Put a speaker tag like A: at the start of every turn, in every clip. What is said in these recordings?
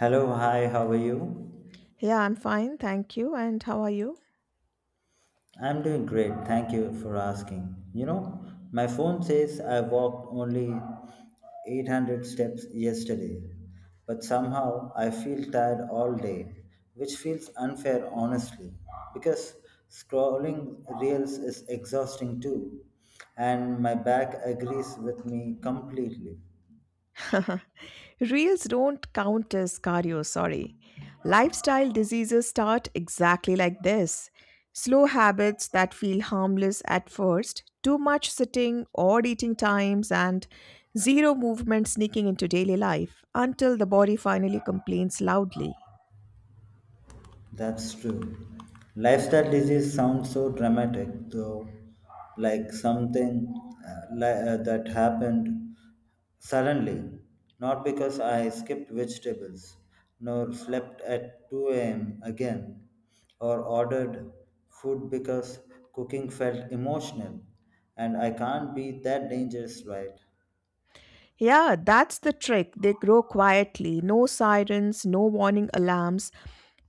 A: Hello, hi, how are you?
B: Yeah, I'm fine. Thank you. And how are you?
A: I'm doing great, thank you for asking. My phone says I walked only 800 steps yesterday, but somehow I feel tired all day, which feels unfair honestly, because scrolling reels is exhausting too, and my back agrees with me completely.
B: Reels don't count as cardio, sorry. Lifestyle diseases start exactly like this slow habits that feel harmless at first, too much sitting, odd eating times, and zero movement sneaking into daily life until the body finally complains loudly.
A: That's true. Lifestyle disease sounds so dramatic, though, like something that happened suddenly, not because I skipped vegetables, nor slept at 2 a.m. again, or ordered food because cooking felt emotional, and I can't be that dangerous, right?
B: Yeah, that's the trick. They grow quietly. No sirens, no warning alarms,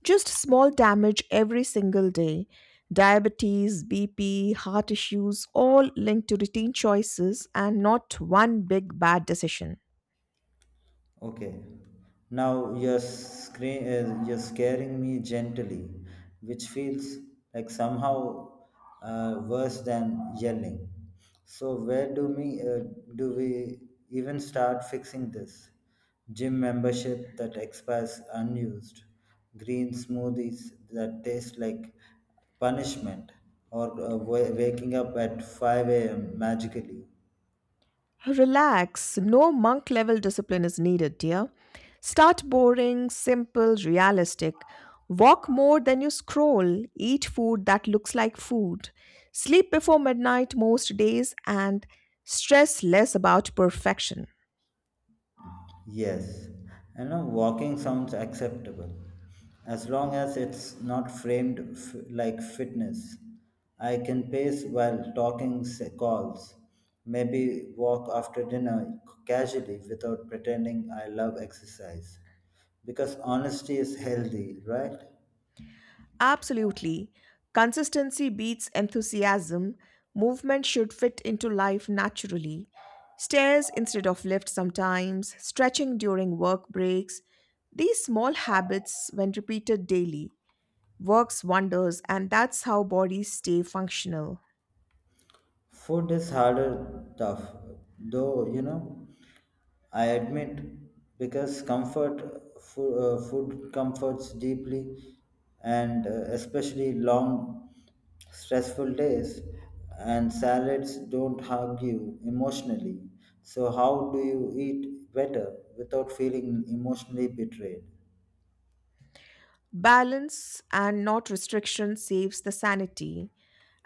B: just small damage every single day. Diabetes, BP, heart issues, all linked to routine choices and not one big bad decision.
A: Okay. Now you're scaring me gently, which feels like somehow worse than yelling. So where do we even start fixing this? Gym membership that expires unused, green smoothies that taste like punishment, or waking up at 5 a.m. magically.
B: Relax, no monk level discipline is needed, dear. Start boring, simple, realistic. Walk more than you scroll, eat food that looks like food, sleep before midnight most days, and stress less about perfection.
A: Yes, and now walking sounds acceptable as long as it's not framed like fitness. I can pace while talking calls, maybe walk after dinner casually without pretending I love exercise. Because honesty is healthy, right?
B: Absolutely. Consistency beats enthusiasm. Movement should fit into life naturally. Stairs instead of lifts sometimes, stretching during work breaks. These small habits, when repeated daily, works wonders and that's how bodies stay functional.
A: Food is harder, tough, though, I admit, because food comforts deeply, and especially long, stressful days, and salads don't hug you emotionally. So, how do you eat better without feeling emotionally betrayed?
B: Balance and not restriction saves the sanity.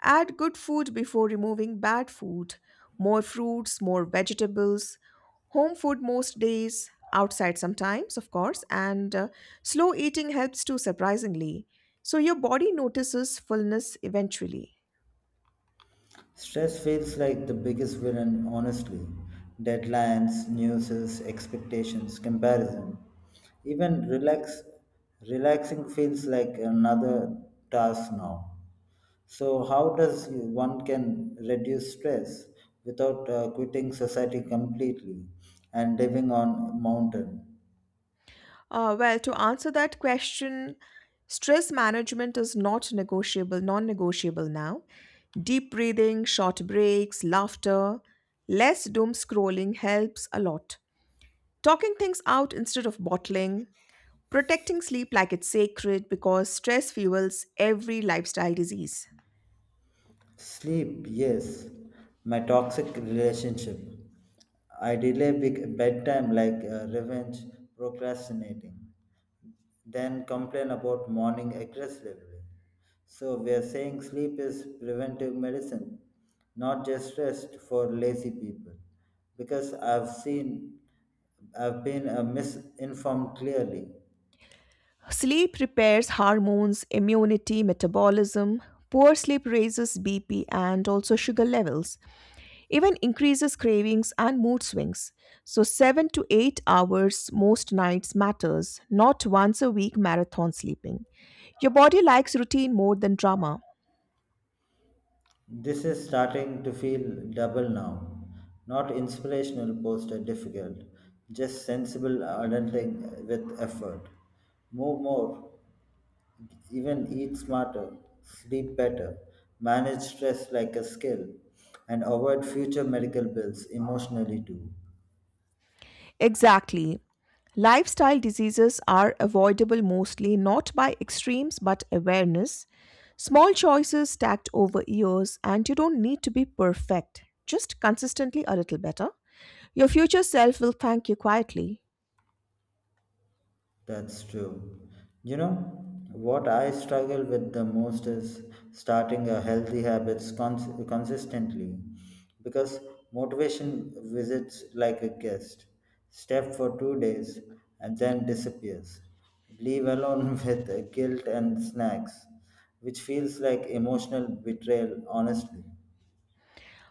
B: Add good food before removing bad food. More fruits, more vegetables. Home food most days, outside sometimes, of course, and slow eating helps too, surprisingly. So your body notices fullness eventually.
A: Stress feels like the biggest villain, honestly. Deadlines, news, expectations, comparison. Even relaxing feels like another task now. So, how does one can reduce stress without quitting society completely and living on mountain?
B: To answer that question, stress management is not negotiable, non negotiable now. Deep breathing, short breaks, laughter, less doom scrolling helps a lot. Talking things out instead of bottling, protecting sleep like it's sacred because stress fuels every lifestyle disease.
A: Sleep, yes. My toxic relationship. I delay big bedtime like revenge, procrastinating, then complain about morning aggressively. So we are saying sleep is preventive medicine, not just rest for lazy people. Because I've been misinformed clearly.
B: Sleep repairs hormones, immunity, metabolism. Poor sleep raises BP and also sugar levels, even increases cravings and mood swings. So 7 to 8 hours most nights matters, not once a week marathon sleeping. Your body likes routine more than drama.
A: This is starting to feel double now. Not inspirational poster difficult, just sensible adulting with effort. Move more, even eat smarter, sleep better, manage stress like a skill, and avoid future medical bills emotionally too.
B: Exactly. Lifestyle diseases are avoidable mostly not by extremes but awareness. Small choices stacked over years, and you don't need to be perfect, just consistently a little better. Your future self will thank you quietly.
A: That's true. You know, what I struggle with the most is starting a healthy habits consistently because motivation visits like a guest, step for 2 days and then disappears. Leave alone with guilt and snacks, which feels like emotional betrayal, honestly.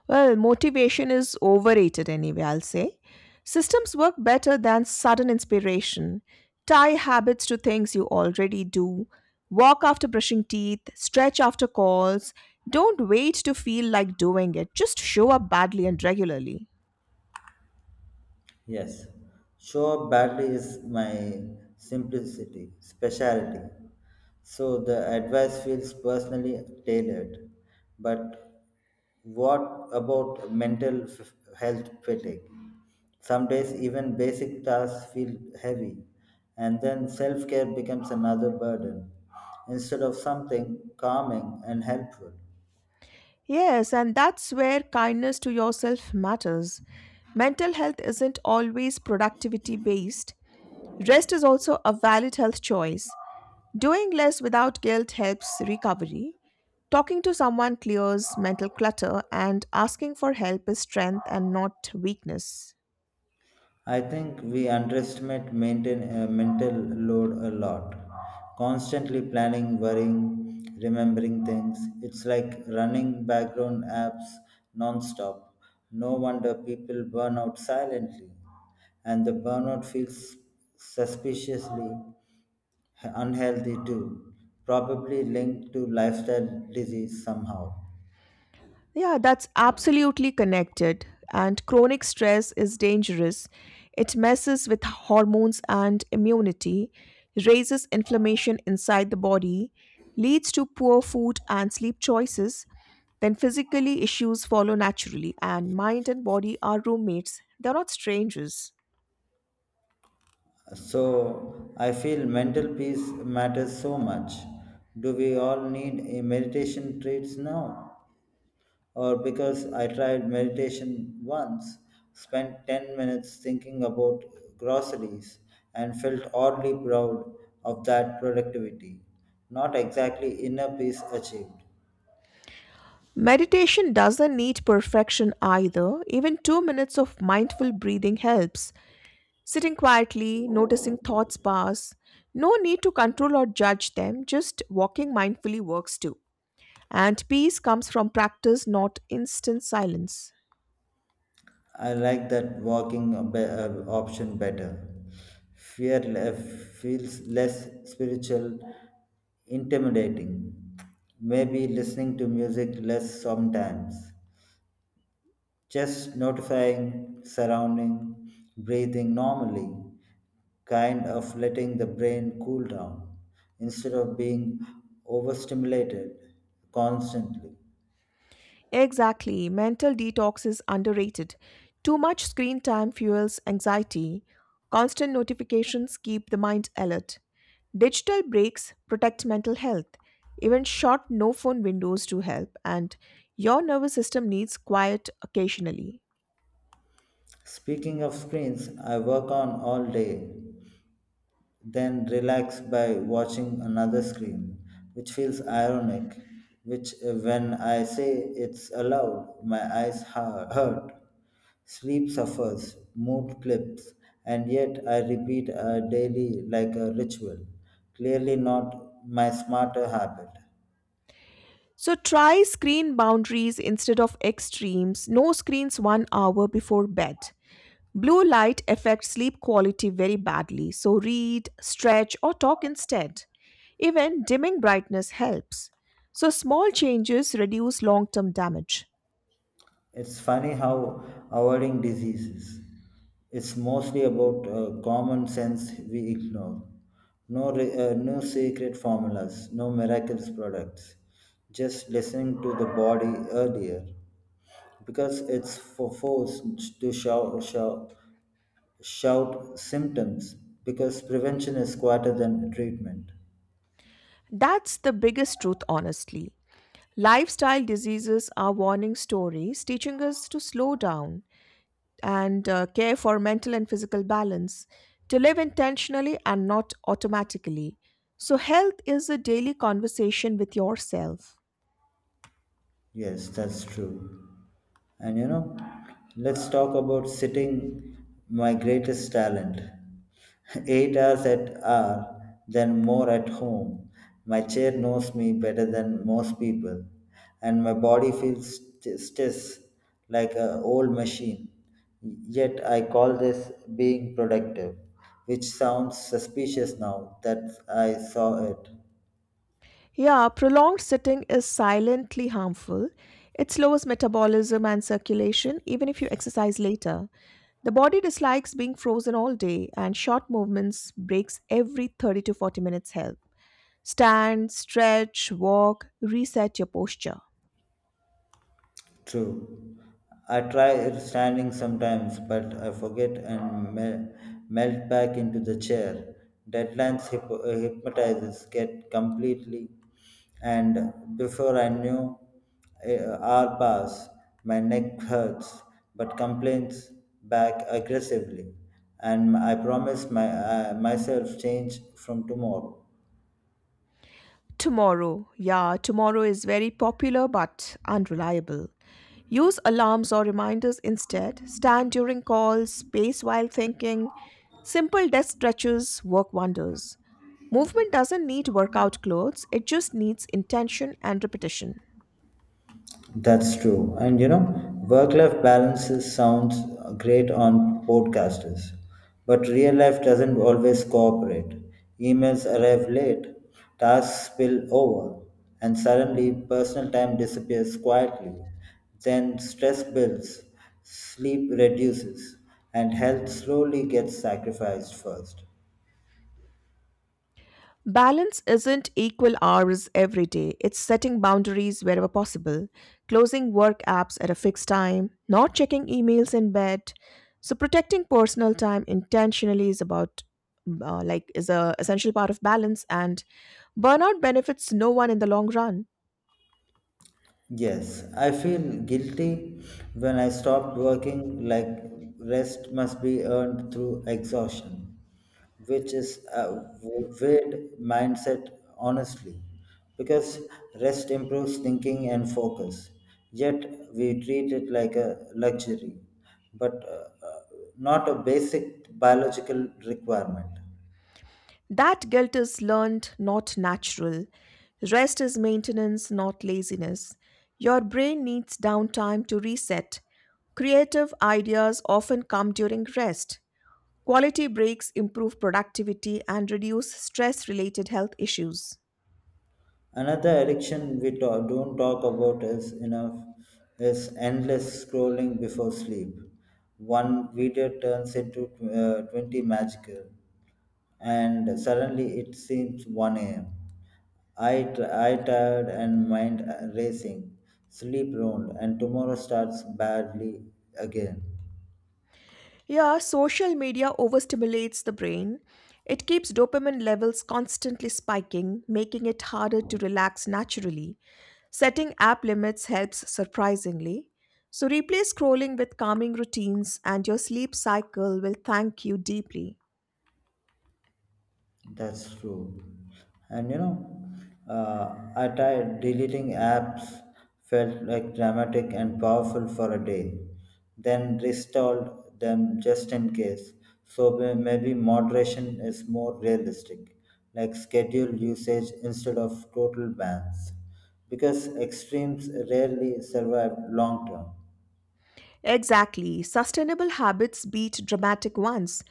B: Well, motivation is overrated anyway, I'll say. Systems work better than sudden inspiration. Tie habits to things you already do. Walk after brushing teeth, stretch after calls. Don't wait to feel like doing it. Just show up badly and regularly.
A: Yes, show up badly is my simplicity, speciality. So the advice feels personally tailored. But what about mental health fatigue? Some days, even basic tasks feel heavy, and then self care becomes another burden instead of something calming and helpful.
B: Yes, and that's where kindness to yourself matters. Mental health isn't always productivity based. Rest is also a valid health choice. Doing less without guilt helps recovery. Talking to someone clears mental clutter, and asking for help is strength and not weakness.
A: I think we underestimate mental load a lot. Constantly planning, worrying, remembering things. It's like running background apps non-stop. No wonder people burn out silently. And the burnout feels suspiciously unhealthy too, probably linked to lifestyle disease somehow.
B: Yeah, that's absolutely connected. And chronic stress is dangerous. It messes with hormones and immunity, raises inflammation inside the body, leads to poor food and sleep choices. Then, physically, issues follow naturally, and mind and body are roommates, they're not strangers.
A: So I feel mental peace matters so much. Do we all need a meditation treats now? Or because I tried meditation once, spent 10 minutes thinking about groceries and felt oddly proud of that productivity. Not exactly inner peace achieved.
B: Meditation doesn't need perfection either. Even 2 minutes of mindful breathing helps. Sitting quietly, noticing thoughts pass. No need to control or judge them, just walking mindfully works too. And peace comes from practice, not instant silence.
A: I like that walking option better. Fear feels less spiritual, intimidating. Maybe listening to music less sometimes. Just notifying, surrounding, breathing normally, kind of letting the brain cool down instead of being overstimulated constantly.
B: Exactly. Mental detox is underrated. Too much screen time fuels anxiety. Constant notifications keep the mind alert. Digital breaks protect mental health. Even short no phone windows do help, and your nervous system needs quiet occasionally.
A: Speaking of screens, I work on all day then relax by watching another screen, which feels ironic. Which, when I say it's aloud, my eyes hurt. Sleep suffers, mood clips, and yet I repeat a daily like a ritual. Clearly, not my smarter habit.
B: So try screen boundaries instead of extremes. No screens 1 hour before bed. Blue light affects sleep quality very badly, so read, stretch, or talk instead. Even dimming brightness helps. So, small changes reduce long term damage.
A: It's funny how avoiding diseases it's mostly about common sense we ignore. No, secret formulas, no miraculous products. Just listening to the body earlier, because it's for forced to shout, shout, shout symptoms. Because prevention is quieter than treatment.
B: That's the biggest truth, honestly. Lifestyle diseases are warning stories teaching us to slow down and care for mental and physical balance, to live intentionally and not automatically. So, health is a daily conversation with yourself.
A: Yes, that's true. And let's talk about sitting my greatest talent. 8 hours at hour, then more at home. My chair knows me better than most people, and my body feels stiff like an old machine. Yet I call this being productive, which sounds suspicious now that I saw it.
B: Yeah, prolonged sitting is silently harmful. It slows metabolism and circulation, even if you exercise later. The body dislikes being frozen all day, and short movements, breaks every 30 to 40 minutes help. Stand, stretch, walk, reset your posture.
A: True. I try standing sometimes, but I forget and melt back into the chair. Deadlines hypnotizes get completely, and before I knew, hour pass. My neck hurts, but complains back aggressively, and I promise my myself change from tomorrow.
B: Tomorrow. Yeah, tomorrow is very popular but unreliable. Use alarms or reminders instead. Stand during calls, space while thinking. Simple desk stretches work wonders. Movement doesn't need workout clothes, it just needs intention and repetition.
A: That's true. And work life balances sounds great on podcasters, but real life doesn't always cooperate. Emails arrive late, tasks spill over, and suddenly personal time disappears quietly. Then stress builds, sleep reduces, and health slowly gets sacrificed first.
B: Balance isn't equal hours every day. It's setting boundaries wherever possible, closing work apps at a fixed time, not checking emails in bed. So protecting personal time intentionally is about is a essential part of balance and burnout benefits no one in the long run.
A: Yes, I feel guilty when I stop working, like rest must be earned through exhaustion, which is a weird mindset, honestly, because rest improves thinking and focus. Yet we treat it like a luxury, but not a basic biological requirement.
B: That guilt is learned, not natural. Rest is maintenance, not laziness. Your brain needs downtime to reset. Creative ideas often come during rest. Quality breaks improve productivity and reduce stress related health issues.
A: Another addiction we don't talk about is enough is endless scrolling before sleep. One video turns into 20 magical, and suddenly it seems 1 a.m. I tired and mind racing, sleep ruined, and tomorrow starts badly again.
B: Yeah, social media overstimulates the brain. It keeps dopamine levels constantly spiking, making it harder to relax naturally. Setting app limits helps surprisingly. So, replace scrolling with calming routines, and your sleep cycle will thank you deeply.
A: That's true. And I tried deleting apps, felt like dramatic and powerful for a day, then reinstalled them just in case. So maybe moderation is more realistic, like schedule usage instead of total bans, because extremes rarely survive long term.
B: Exactly. Sustainable habits beat dramatic ones.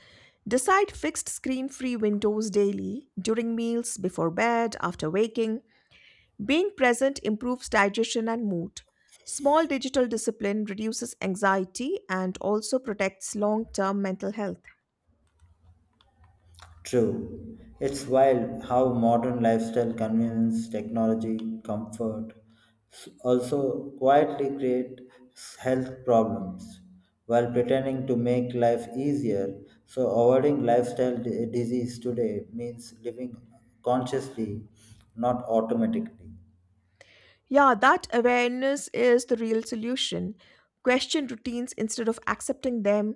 B: Decide fixed screen free windows daily, during meals, before bed, after waking. Being present improves digestion and mood. Small digital discipline reduces anxiety and also protects long term mental health.
A: True. It's wild how modern lifestyle, convenience, technology, comfort also quietly create health problems while pretending to make life easier. So, avoiding lifestyle disease today means living consciously, not automatically.
B: Yeah, that awareness is the real solution. Question routines instead of accepting them.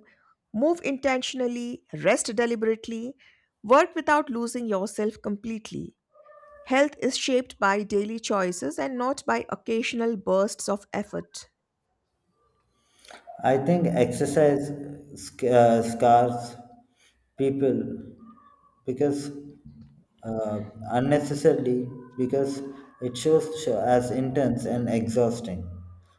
B: Move intentionally, rest deliberately, work without losing yourself completely. Health is shaped by daily choices and not by occasional bursts of effort.
A: I think exercise scars people because uh, unnecessarily because it shows show as intense and exhausting.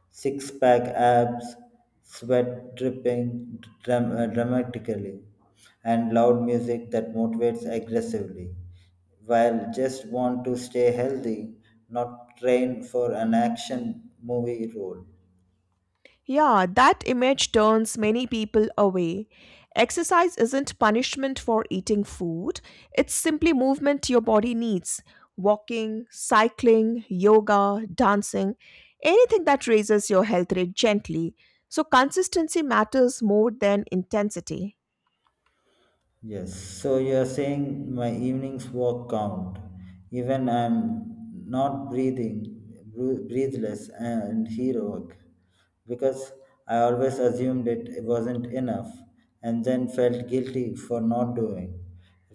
A: Six pack abs, sweat dripping dramatically, and loud music that motivates aggressively. While just want to stay healthy, not train for an action movie role.
B: Yeah, that image turns many people away. Exercise isn't punishment for eating food, it's simply movement your body needs. Walking, cycling, yoga, dancing, anything that raises your health rate gently. So, consistency matters more than intensity.
A: Yes, so you are saying my evenings walk count. Even I'm not breathing, breathless and heroic, because I always assumed it wasn't enough, and then felt guilty for not doing.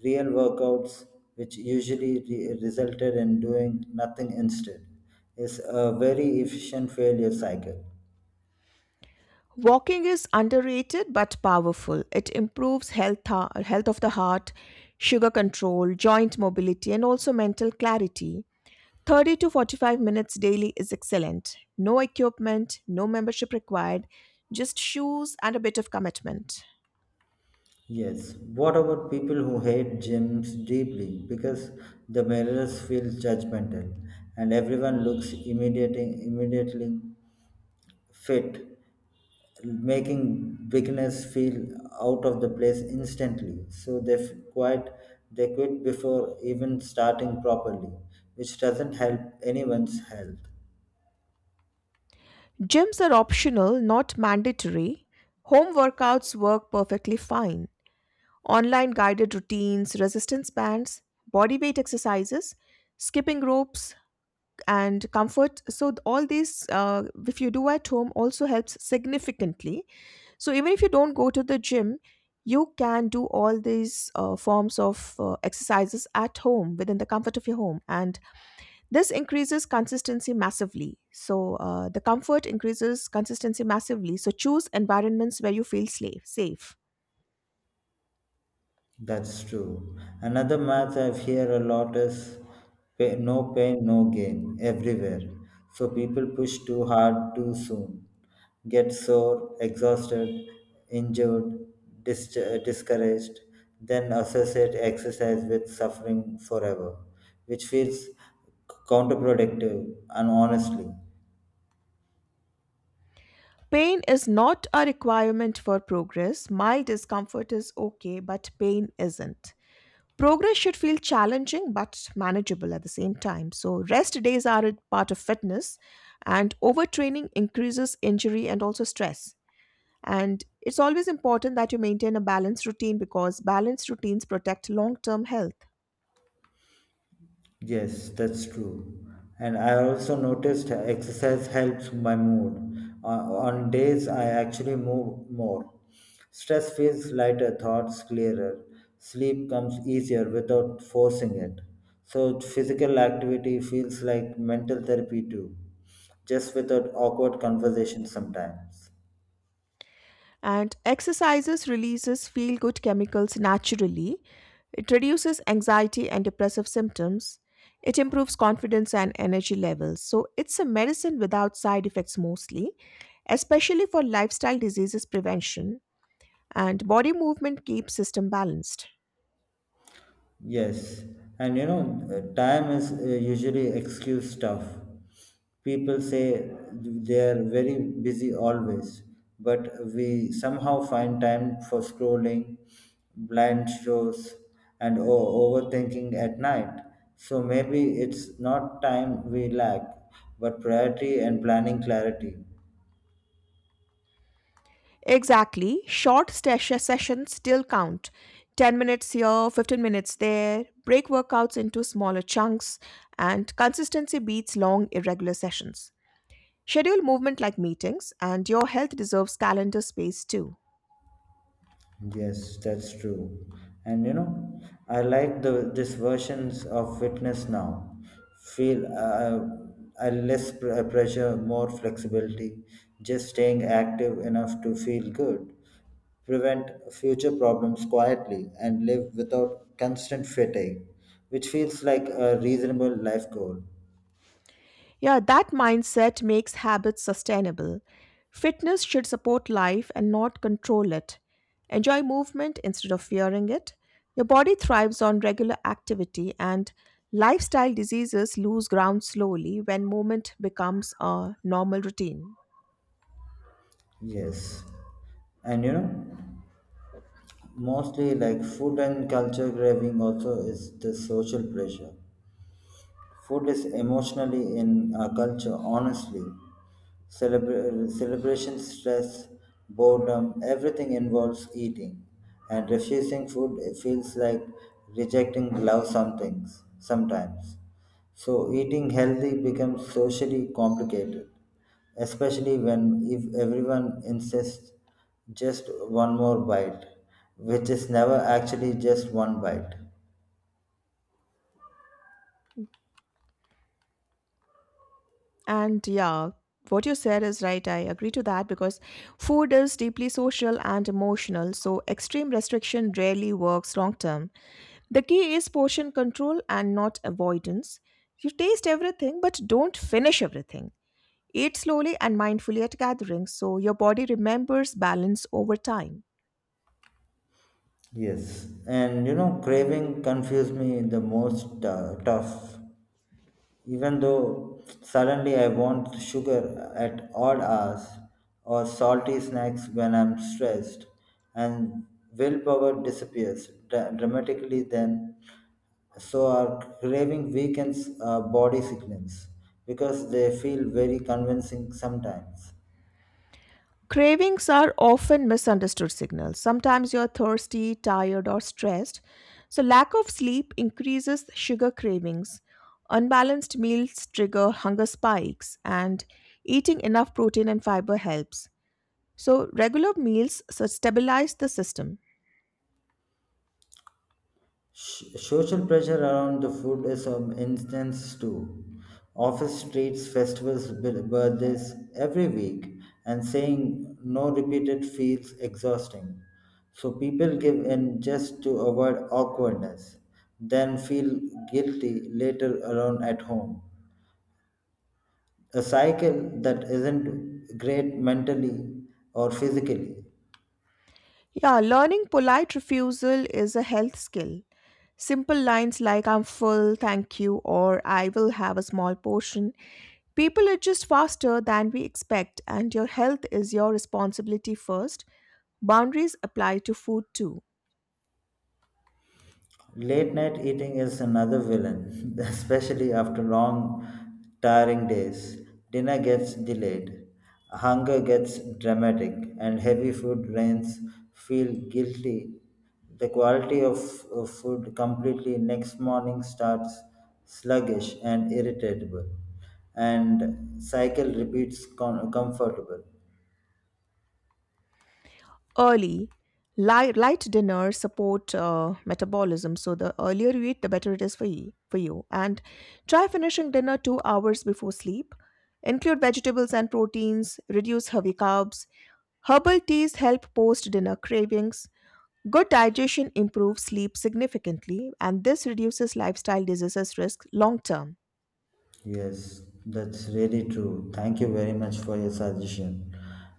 A: Real workouts, which usually resulted in doing nothing instead, is a very efficient failure cycle.
B: Walking is underrated but powerful. It improves health of the heart, sugar control, joint mobility, and also mental clarity. 30 to 45 minutes daily is excellent. No equipment, no membership required, just shoes and a bit of commitment.
A: Yes. What about people who hate gyms deeply because the mirrors feel judgmental and everyone looks immediately fit, making beginners feel out of the place instantly. So they quit before even starting properly, which doesn't help anyone's health.
B: Gyms are optional, not mandatory. Home workouts work perfectly fine. Online guided routines, resistance bands, body weight exercises, skipping ropes, and comfort. So, all these, if you do at home, also helps significantly. So even if you don't go to the gym, you can do all these forms of exercises at home within the comfort of your home. And this increases consistency massively. So the comfort increases consistency massively. So choose environments where you feel safe.
A: That's true. Another math I've heard a lot is no pain, no gain everywhere. So people push too hard too soon, get sore, exhausted, injured, discouraged, then associate exercise with suffering forever, which feels counterproductive and honestly.
B: Pain is not a requirement for progress. My discomfort is okay, but pain isn't. Progress should feel challenging but manageable at the same time. So, rest days are a part of fitness, and overtraining increases injury and also stress. And it's always important that you maintain a balanced routine because balanced routines protect long term health.
A: Yes, that's true. And I also noticed exercise helps my mood. On days I actually move more. Stress feels lighter, thoughts clearer. Sleep comes easier without forcing it. So physical activity feels like mental therapy too, just without awkward conversations sometimes.
B: And exercises releases feel good chemicals naturally. It reduces anxiety and depressive symptoms. It improves confidence and energy levels, so it's a medicine without side effects mostly, especially for lifestyle diseases prevention. And body movement keeps system balanced.
A: Yes, and time is usually excuse stuff. People say they are very busy always, but we somehow find time for scrolling, blind shows, and overthinking at night. So maybe it's not time we lack, but priority and planning clarity.
B: Exactly. Sessions still count. 10 minutes here, 15 minutes there. Break workouts into smaller chunks, and consistency beats long, irregular sessions. Schedule movement like meetings, and your health deserves calendar space too.
A: Yes, that's true. And I like the this versions of fitness now. Feel I less pressure, more flexibility, just staying active enough to feel good, prevent future problems quietly, and live without constant fatigue, which feels like a reasonable life goal.
B: Yeah, that mindset makes habits sustainable. Fitness should support life and not control it. Enjoy movement instead of fearing it. Your body thrives on regular activity, and lifestyle diseases lose ground slowly when movement becomes a normal routine.
A: Yes. And mostly like food and culture craving also is the social pressure. Food is emotionally in our culture, honestly. Celebration, stress, boredom, everything involves eating. And refusing food it feels like rejecting love some things sometimes. So eating healthy becomes socially complicated, especially when if everyone insists just one more bite, which is never actually just one bite.
B: And yeah, what you said is right. I agree to that because food is deeply social and emotional, so extreme restriction rarely works long term. The key is portion control and not avoidance. You taste everything, but don't finish everything. Eat slowly and mindfully at gatherings so your body remembers balance over time.
A: Yes, and craving confused me the most tough. Even though suddenly I want sugar at odd hours or salty snacks when I'm stressed, and willpower disappears dramatically then. So our craving weakens body signals because they feel very convincing sometimes.
B: Cravings are often misunderstood signals. Sometimes you're thirsty, tired, or stressed. So, lack of sleep increases sugar cravings. Unbalanced meals trigger hunger spikes, and eating enough protein and fiber helps. So, regular meals so stabilize the system.
A: Social pressure around the food is an instance too. Office treats festivals, birthdays every week, and saying no repeated feels exhausting. So people give in just to avoid awkwardness, then feel guilty later alone at home. A cycle that isn't great mentally or physically.
B: Yeah, learning polite refusal is a health skill. Simple lines like I'm full, thank you, or I will have a small portion. People adjust faster than we expect, and your health is your responsibility first. Boundaries apply to food too.
A: Late night eating is another villain, especially after long, tiring days. Dinner gets delayed, hunger gets dramatic, and heavy food brains feel guilty. The quality of food completely next morning starts sluggish and irritable, and cycle repeats comfortable.
B: Early light dinners support metabolism, so the earlier you eat the better it is for you. And try finishing dinner 2 hours before sleep. Include vegetables and proteins, reduce heavy carbs. Herbal teas help post dinner cravings. Good digestion improves sleep significantly, and this reduces lifestyle diseases risk long term.
A: Yes, that's really true. Thank you very much for your suggestion.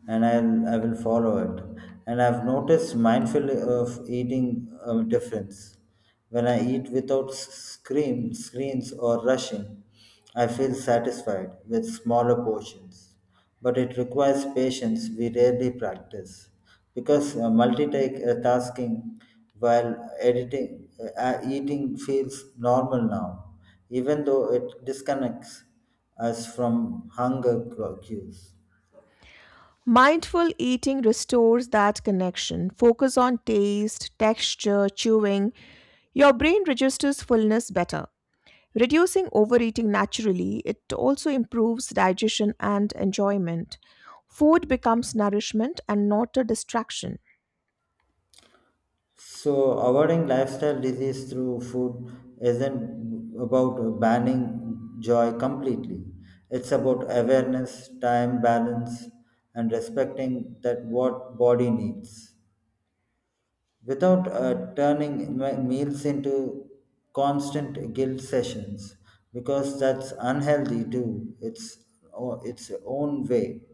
A: And I will follow it. And I've noticed mindful of eating a difference. When I eat without screens or rushing, I feel satisfied with smaller portions but it requires patience we rarely practice because multitasking while editing eating feels normal now even though it disconnects us from hunger cues.
B: Mindful eating restores that connection. Focus on taste, texture, chewing. Your brain registers fullness better. Reducing overeating naturally, it also improves digestion and enjoyment. Food becomes nourishment and not a distraction.
A: So avoiding lifestyle disease through food isn't about banning joy completely. It's about awareness, time balance, and respecting that what body needs, without turning my meals into constant guilt sessions because that's unhealthy too, it's its own way.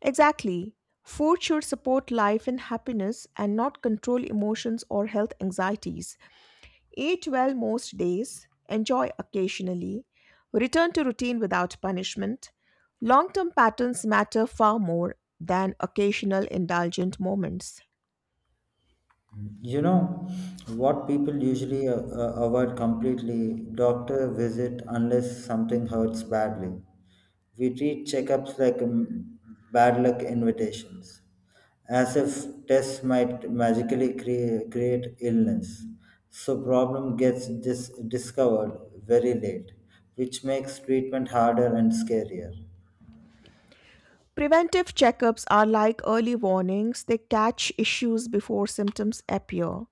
B: Exactly. Food should support life and happiness and not control emotions or health anxieties. Eat well most days, enjoy occasionally, return to routine without punishment. Long term patterns matter far more than occasional indulgent moments.
A: You know what people usually avoid completely doctor visit unless something hurts badly. We treat checkups like bad luck invitations, as if tests might magically create illness. So problem gets discovered very late, which makes treatment harder and scarier.
B: Preventive checkups are like early warnings, they catch issues before symptoms appear.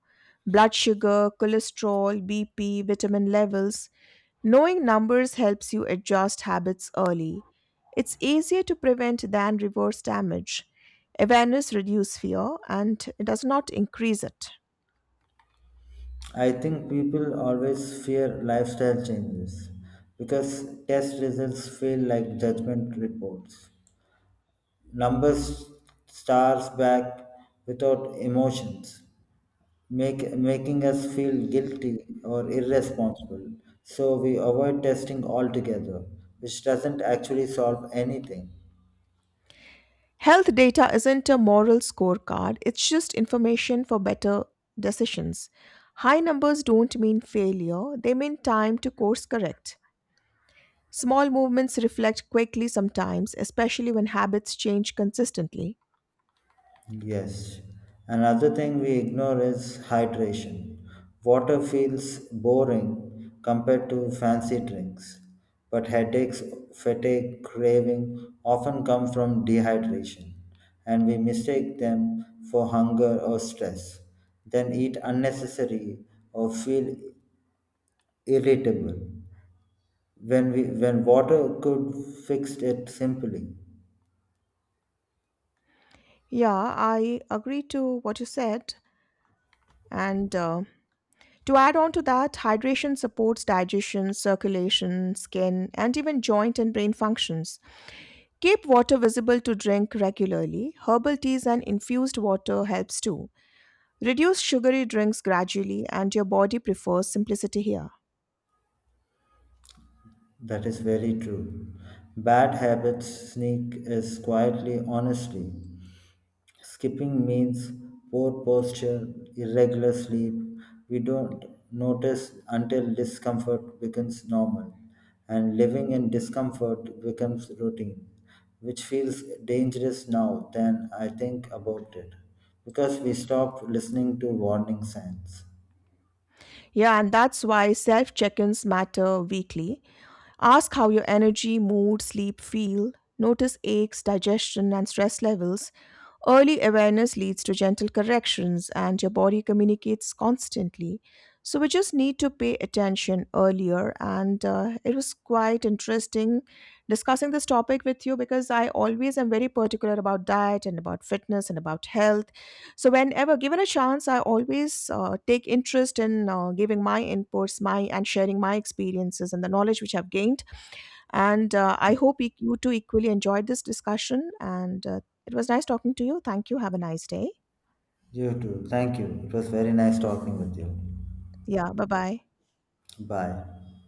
B: Blood sugar, cholesterol, BP, vitamin levels. Knowing numbers helps you adjust habits early. It's easier to prevent than reverse damage. Awareness reduces fear and it does not increase it.
A: I think people always fear lifestyle changes because test results feel like judgment reports. Numbers stars back without emotions, making us feel guilty or irresponsible. So we avoid testing altogether, which doesn't actually solve anything.
B: Health data isn't a moral scorecard, it's just information for better decisions. High numbers don't mean failure, they mean time to course correct. Small movements reflect quickly sometimes, especially when habits change consistently.
A: Yes. Another thing we ignore is hydration. Water feels boring compared to fancy drinks, but headaches, fatigue, craving often come from dehydration, and we mistake them for hunger or stress, then eat unnecessary or feel irritable when water could fix it simply.
B: Yeah, I agree to what you said. And to add on to that, hydration supports digestion, circulation, skin, and even joint and brain functions. Keep water visible to drink regularly. Herbal teas and infused water helps too. Reduce sugary drinks gradually and your body prefers simplicity here.
A: That is very true. Bad habits sneak is quietly honestly. Skipping means poor posture, irregular sleep. We don't notice until discomfort becomes normal, and living in discomfort becomes routine, which feels dangerous now than I think about it, because we stopped listening to warning signs.
B: Yeah, and that's why self-check-ins matter weekly. Ask how your energy, mood, sleep feel. Notice aches, digestion, and stress levels. Early awareness leads to gentle corrections, and your body communicates constantly. So, we just need to pay attention earlier. And it was quite interesting discussing this topic with you because I always am very particular about diet and about fitness and about health. So, whenever given a chance, I always take interest in giving my inputs, my and sharing my experiences and the knowledge which I've gained and I hope you too equally enjoyed this discussion. And it was nice talking to you. Thank you. Have a nice day.
A: You too. Thank you. It was very nice talking with you.
B: Yeah. Bye bye.
A: Bye.